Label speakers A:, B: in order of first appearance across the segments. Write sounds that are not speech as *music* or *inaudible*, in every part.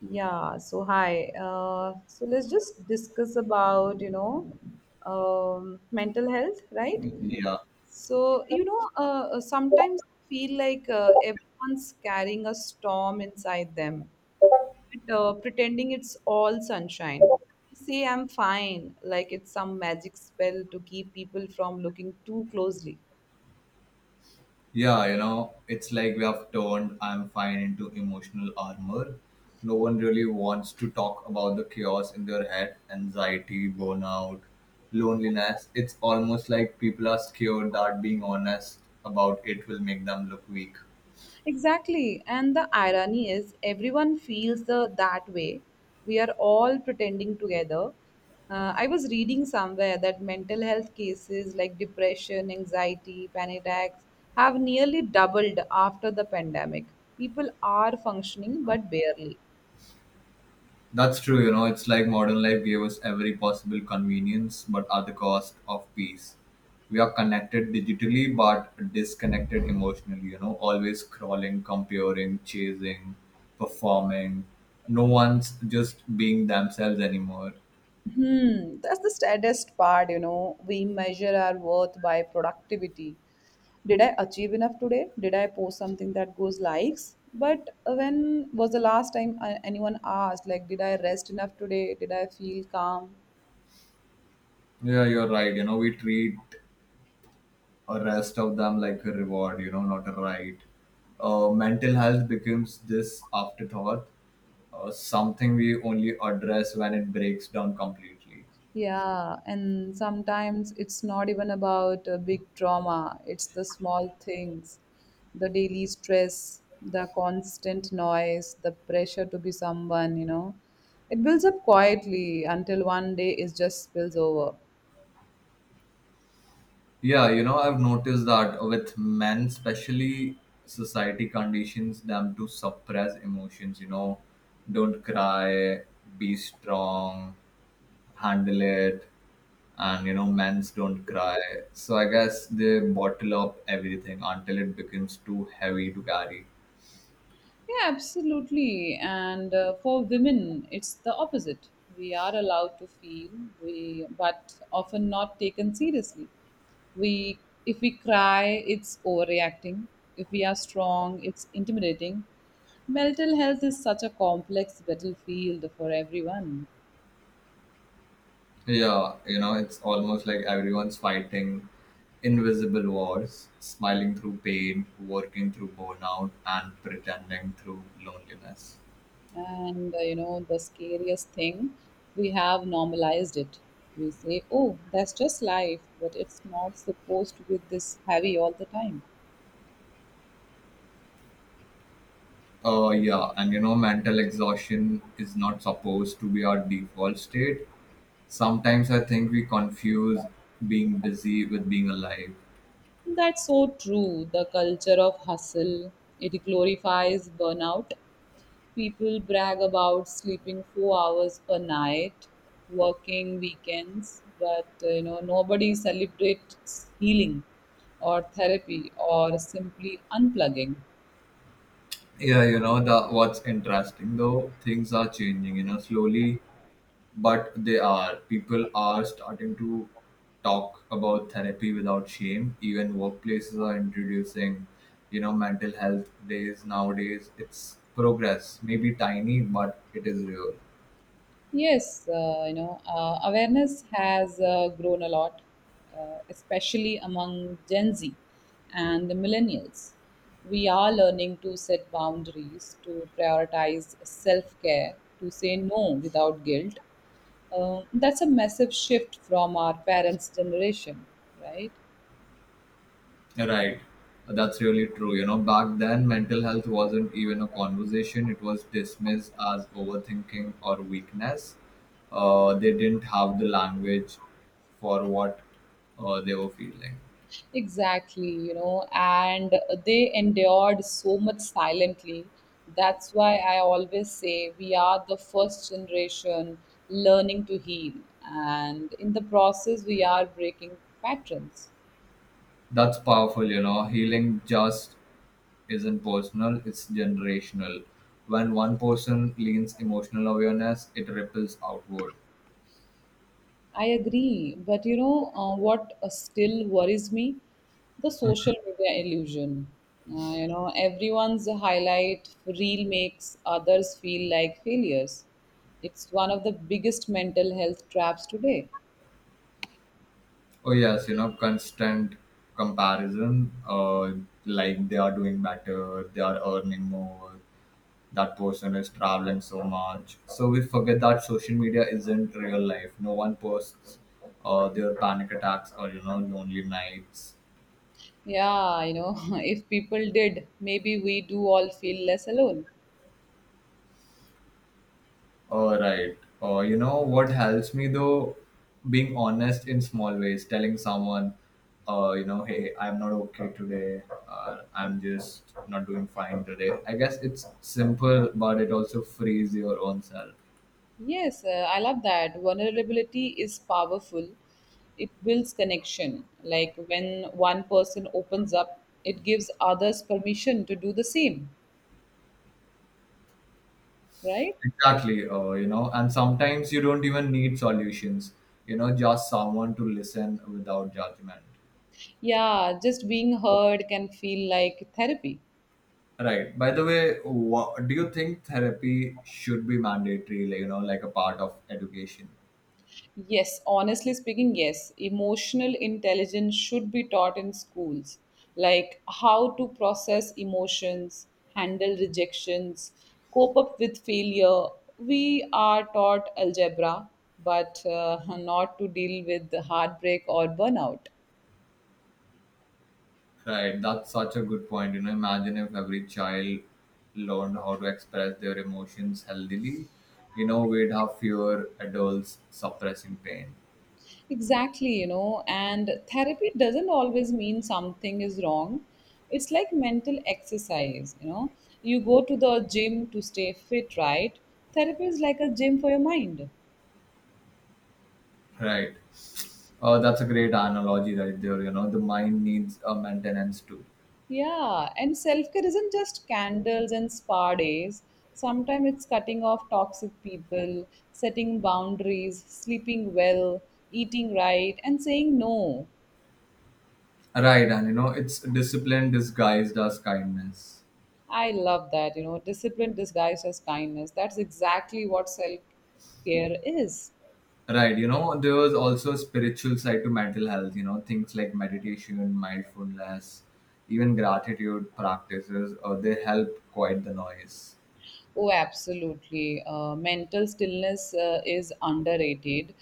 A: Yeah, so hi. So let's just discuss about, mental health, right?
B: Yeah,
A: So, sometimes I feel like everyone's carrying a storm inside them, but, pretending it's all sunshine. They say I'm fine, like it's some magic spell to keep people from looking too closely.
B: yeah, you know, it's like we have turned I'm fine into emotional armor. No one really wants to talk about the chaos in their head, anxiety, burnout, loneliness. It's almost like people are scared that being honest about it will make them look weak.
A: Exactly. And the irony is, everyone feels that way. We are all pretending together. I was reading somewhere that mental health cases like depression, anxiety, panic attacks have nearly doubled after the pandemic. People are functioning, but barely.
B: That's true, you know, it's like modern life gave us every possible convenience, but at the cost of peace. We are connected digitally, but disconnected emotionally, you know, always crawling, comparing, chasing, performing. No one's just being themselves anymore.
A: That's the saddest part. We measure our worth by productivity. Did I achieve enough today? Did I post something that goes likes? But when was the last time anyone asked, like, did I rest enough today? Did I feel calm?
B: Yeah, you're right. You know, we treat a rest of them like a reward, you know, not a right. Mental health becomes this afterthought, something we only address when it breaks down completely.
A: Yeah, and sometimes it's not even about a big drama, it's the small things, the daily stress, the constant noise, the pressure to be someone. It builds up quietly until one day it just spills over.
B: Yeah, you know, I've noticed that with men, especially, society conditions them to suppress emotions, you know, don't cry, be strong, handle it. And, you know, men's don't cry. So I guess they bottle up everything until it becomes too heavy to carry.
A: Yeah, absolutely. And for women, it's the opposite. We are allowed to feel, we but often not taken seriously. We, if we cry, it's overreacting. If we are strong, it's intimidating. Mental health is such a complex battlefield for everyone.
B: Yeah, you know, it's almost like everyone's fighting invisible wars, smiling through pain, working through burnout, and pretending through loneliness.
A: And you know the scariest thing, we have normalized it. We say, "Oh, that's just life," but it's not supposed to be this heavy all the time.
B: Yeah, and you know, mental exhaustion is not supposed to be our default state. Sometimes I think we confuse being busy with being alive.
A: That's so true. The culture of hustle, it glorifies burnout. People brag about sleeping 4 hours per night, working weekends, but you know nobody celebrates healing or therapy or simply unplugging.
B: Yeah, you know, the what's interesting though, things are changing, you know, slowly, but they are. People are starting to talk about therapy without shame. Even workplaces are introducing, you know, mental health days nowadays. It's progress, maybe tiny, but it is real.
A: Yes, awareness has grown a lot, especially among Gen Z and the millennials. We are learning to set boundaries, to prioritize self care, to say no without guilt. That's a massive shift from our parents' generation, right?
B: Right. That's really true. You know, back then, mental health wasn't even a conversation, it was dismissed as overthinking or weakness. They didn't have the language for what they were feeling.
A: Exactly, and they endured so much silently. That's why I always say we are the first generation learning to heal. And in the process, we are breaking patterns.
B: That's powerful, you know. Healing just isn't personal, it's generational. When one person leans emotional awareness, it ripples outward.
A: I agree. But what still worries me? The social media illusion. Everyone's highlight reel makes others feel like failures. It's one of the biggest mental health traps today.
B: Oh yes, you know, constant comparison. Like they are doing better, they are earning more. That person is traveling so much. So we forget that social media isn't real life. No one posts their panic attacks or you know lonely nights.
A: Yeah, *laughs* if people did, maybe we do all feel less alone.
B: All right. You know what helps me though? Being honest in small ways, telling someone, you know, hey, I'm not okay today, or I'm just not doing fine today. I guess it's simple, but it also frees your own self.
A: Yes, I love that. Vulnerability is powerful. It builds connection. Like when one person opens up, it gives others permission to do the same, right?
B: Exactly. You know, and sometimes you don't even need solutions, you know, just someone to listen without judgment.
A: Yeah, just being heard can feel like therapy.
B: Right. By the way, do you think therapy should be mandatory, like, you know, like a part of education?
A: Yes, honestly speaking, yes. Emotional intelligence should be taught in schools, like how to process emotions, handle rejections, cope up with failure. We are taught algebra, but *laughs* not to deal with the heartbreak or burnout.
B: Right, that's such a good point. You know, imagine if every child learned how to express their emotions healthily, you know, we'd have fewer adults suppressing pain.
A: Exactly, and therapy doesn't always mean something is wrong. It's like mental exercise, you know. You go to the gym to stay fit, right? Therapy is like a gym for your mind.
B: Right. That's a great analogy right there. You know, the mind needs a maintenance too.
A: Yeah, and self care isn't just candles and spa days. Sometimes it's cutting off toxic people, setting boundaries, sleeping well, eating right, and saying no.
B: Right, and you know, it's discipline disguised as kindness.
A: I love that. Discipline disguised as kindness. That's exactly what self care is.
B: Right, you know, there was also a spiritual side to mental health, you know, things like meditation, mindfulness, even gratitude practices, they help quiet the noise.
A: Oh, absolutely. Mental stillness is underrated.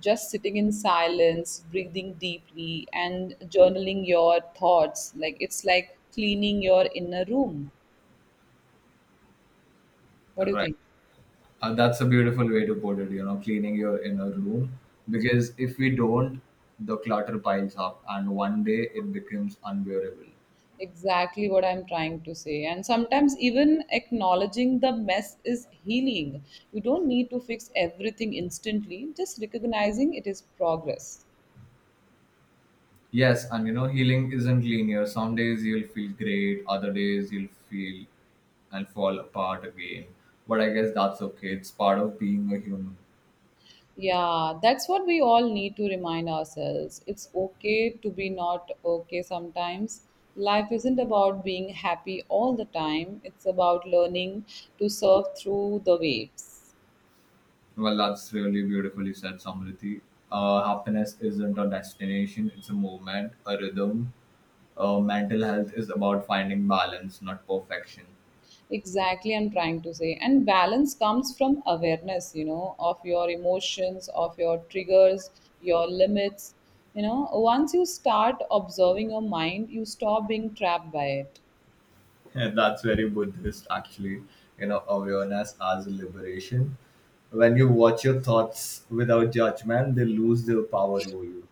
A: Just sitting in silence, breathing deeply, and journaling your thoughts. Like, it's like cleaning your inner room. What do you
B: Right.
A: think?
B: That's a beautiful way to put it, you know, cleaning your inner room. Because if we don't, the clutter piles up and one day it becomes unbearable.
A: Exactly what I'm trying to say. And sometimes, even acknowledging the mess is healing. You don't need to fix everything instantly, just recognizing it is progress.
B: Yes, and you know, healing isn't linear. Some days you'll feel great, other days you'll feel and fall apart again. But I guess that's okay. It's part of being a human.
A: Yeah, that's what we all need to remind ourselves. It's okay to be not okay sometimes. Life isn't about being happy all the time, it's about learning to surf through the waves.
B: Well, that's really beautifully said, Samriti. Happiness isn't a destination, it's a movement, a rhythm. Mental health is about finding balance, not perfection.
A: Exactly, I'm trying to say, and balance comes from awareness, of your emotions, of your triggers, your limits. You know once you start observing your mind, you stop being trapped by it.
B: *laughs* That's very Buddhist, actually. You know, awareness as liberation. When you watch your thoughts without judgment, they lose their power over you.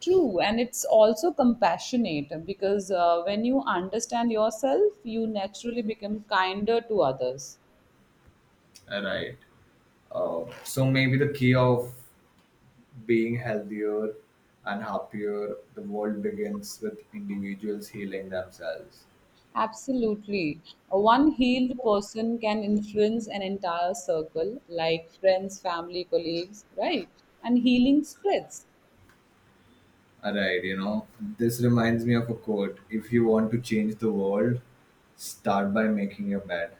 A: True, and it's also compassionate because when you understand yourself, you naturally become kinder to others.
B: Right. So maybe the key of being healthier and happier, the world begins with individuals healing themselves.
A: Absolutely. One healed person can influence an entire circle, like friends, family, colleagues, right? And healing spreads.
B: Alright, you know, this reminds me of a quote. If you want to change the world, start by making your bed.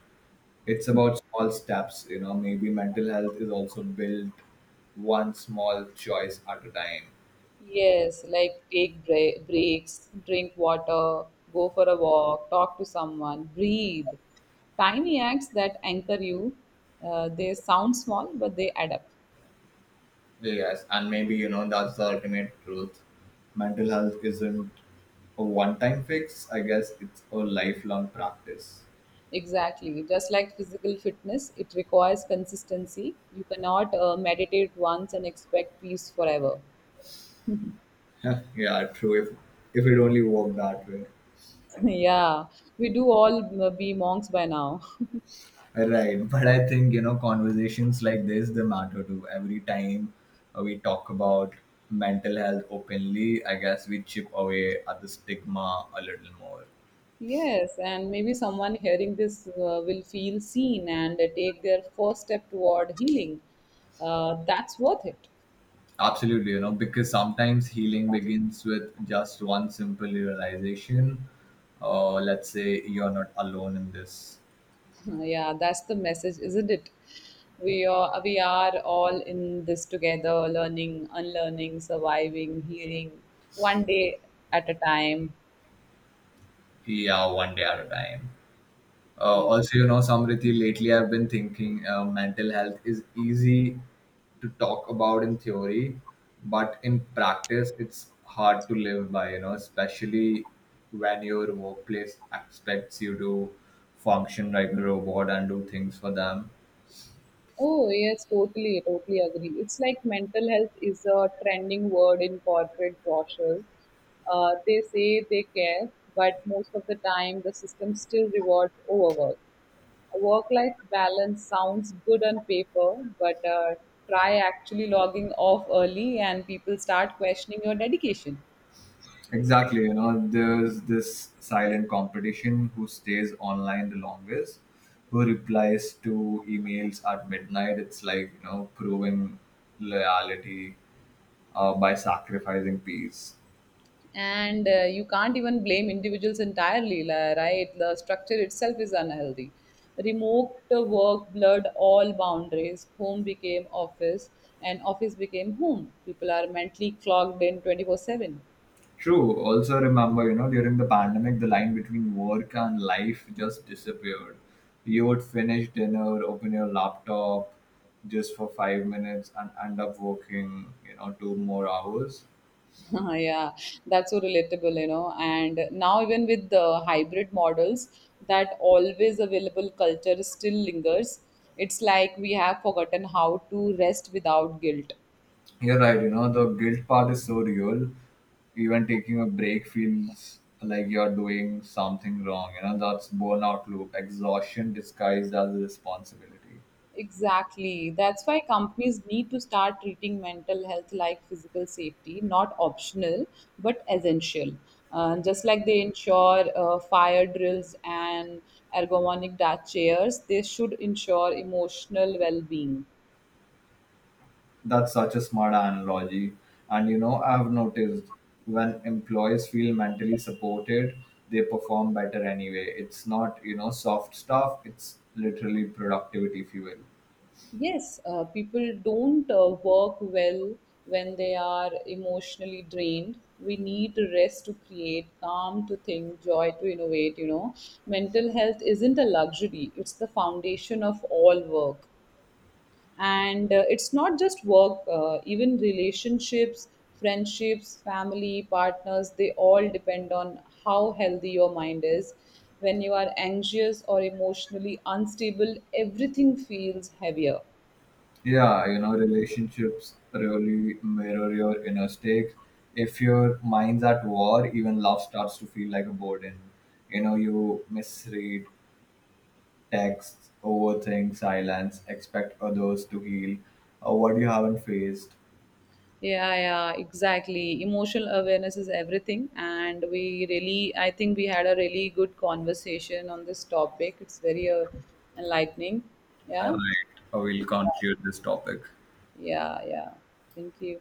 B: It's about small steps, you know. Maybe mental health is also built one small choice at a time.
A: Yes, like take breaks, drink water, go for a walk, talk to someone, breathe. Tiny acts that anchor you, they sound small, but they add up.
B: Yes, and maybe, you know, that's the ultimate truth. Mental health isn't a one time fix, I guess it's a lifelong practice.
A: Exactly. Just like physical fitness, it requires consistency. You cannot meditate once and expect peace forever.
B: Huh, yeah, true. If it only worked that way.
A: *laughs* Yeah, we do all be monks by now. *laughs*
B: Right, but I think you know conversations like this they matter too. Every time we talk about mental health openly, I guess we chip away at the stigma a little more.
A: Yes, and maybe someone hearing this will feel seen and take their first step toward healing. That's worth it.
B: Absolutely, you know, because sometimes healing begins with just one simple realization. Let's say you're not alone in this.
A: *laughs* Yeah, that's the message, isn't it? We are all in this together, learning, unlearning, surviving, healing, one day at a time.
B: Yeah, one day at a time.
A: Yeah.
B: Also, you know, Samriti, lately I've been thinking mental health is easy to talk about in theory, but in practice, it's hard to live by, you know, especially when your workplace expects you to function like a robot and do things for them.
A: Oh, yes, totally, totally agree. It's like mental health is a trending word in corporate brochures. They say they care, but most of the time the system still rewards overwork. A work life balance sounds good on paper, but try actually logging off early and people start questioning your dedication.
B: Exactly, you know, there's this silent competition who stays online the longest, who replies to emails at midnight. It's like, you know, proving loyalty by sacrificing peace.
A: And you can't even blame individuals entirely, right? The structure itself is unhealthy. Remote work blurred all boundaries. Home became office and office became home. People are mentally clogged in 24/7.
B: True. Also, remember, you know, during the pandemic, the line between work and life just disappeared. You would finish dinner, open your laptop just for 5 minutes, and end up working, you know, 2 more hours.
A: *laughs* Yeah, that's so relatable. And now even with the hybrid models, that always available culture still lingers. It's like we have forgotten how to rest without guilt.
B: You're right, you know, the guilt part is so real. Even taking a break feels like you're doing something wrong. You know, that's burnout loop, exhaustion disguised as responsibility.
A: Exactly. That's why companies need to start treating mental health like physical safety, not optional, but essential. Just like they ensure fire drills and ergonomic chairs, they should ensure emotional well being.
B: That's such a smart analogy. And, you know, I've noticed when employees feel mentally supported, they perform better anyway. It's not, you know, soft stuff, it's literally productivity fuel.
A: Yes, people don't work well when they are emotionally drained. We need rest to create, calm to think, joy to innovate. Mental health isn't a luxury, it's the foundation of all work. And it's not just work, even relationships, friendships, family, partners, they all depend on how healthy your mind is. When you are anxious or emotionally unstable, everything feels heavier.
B: Yeah, you know, relationships really mirror your inner stakes. If your mind's at war, even love starts to feel like a burden. You know, you misread texts, overthink, silence, expect others to heal what you haven't faced.
A: Yeah, yeah, exactly. Emotional awareness is everything. And I think we had a really good conversation on this topic. It's very enlightening.
B: All
A: Yeah,
B: right, I will conclude this topic.
A: yeah, yeah. Thank you.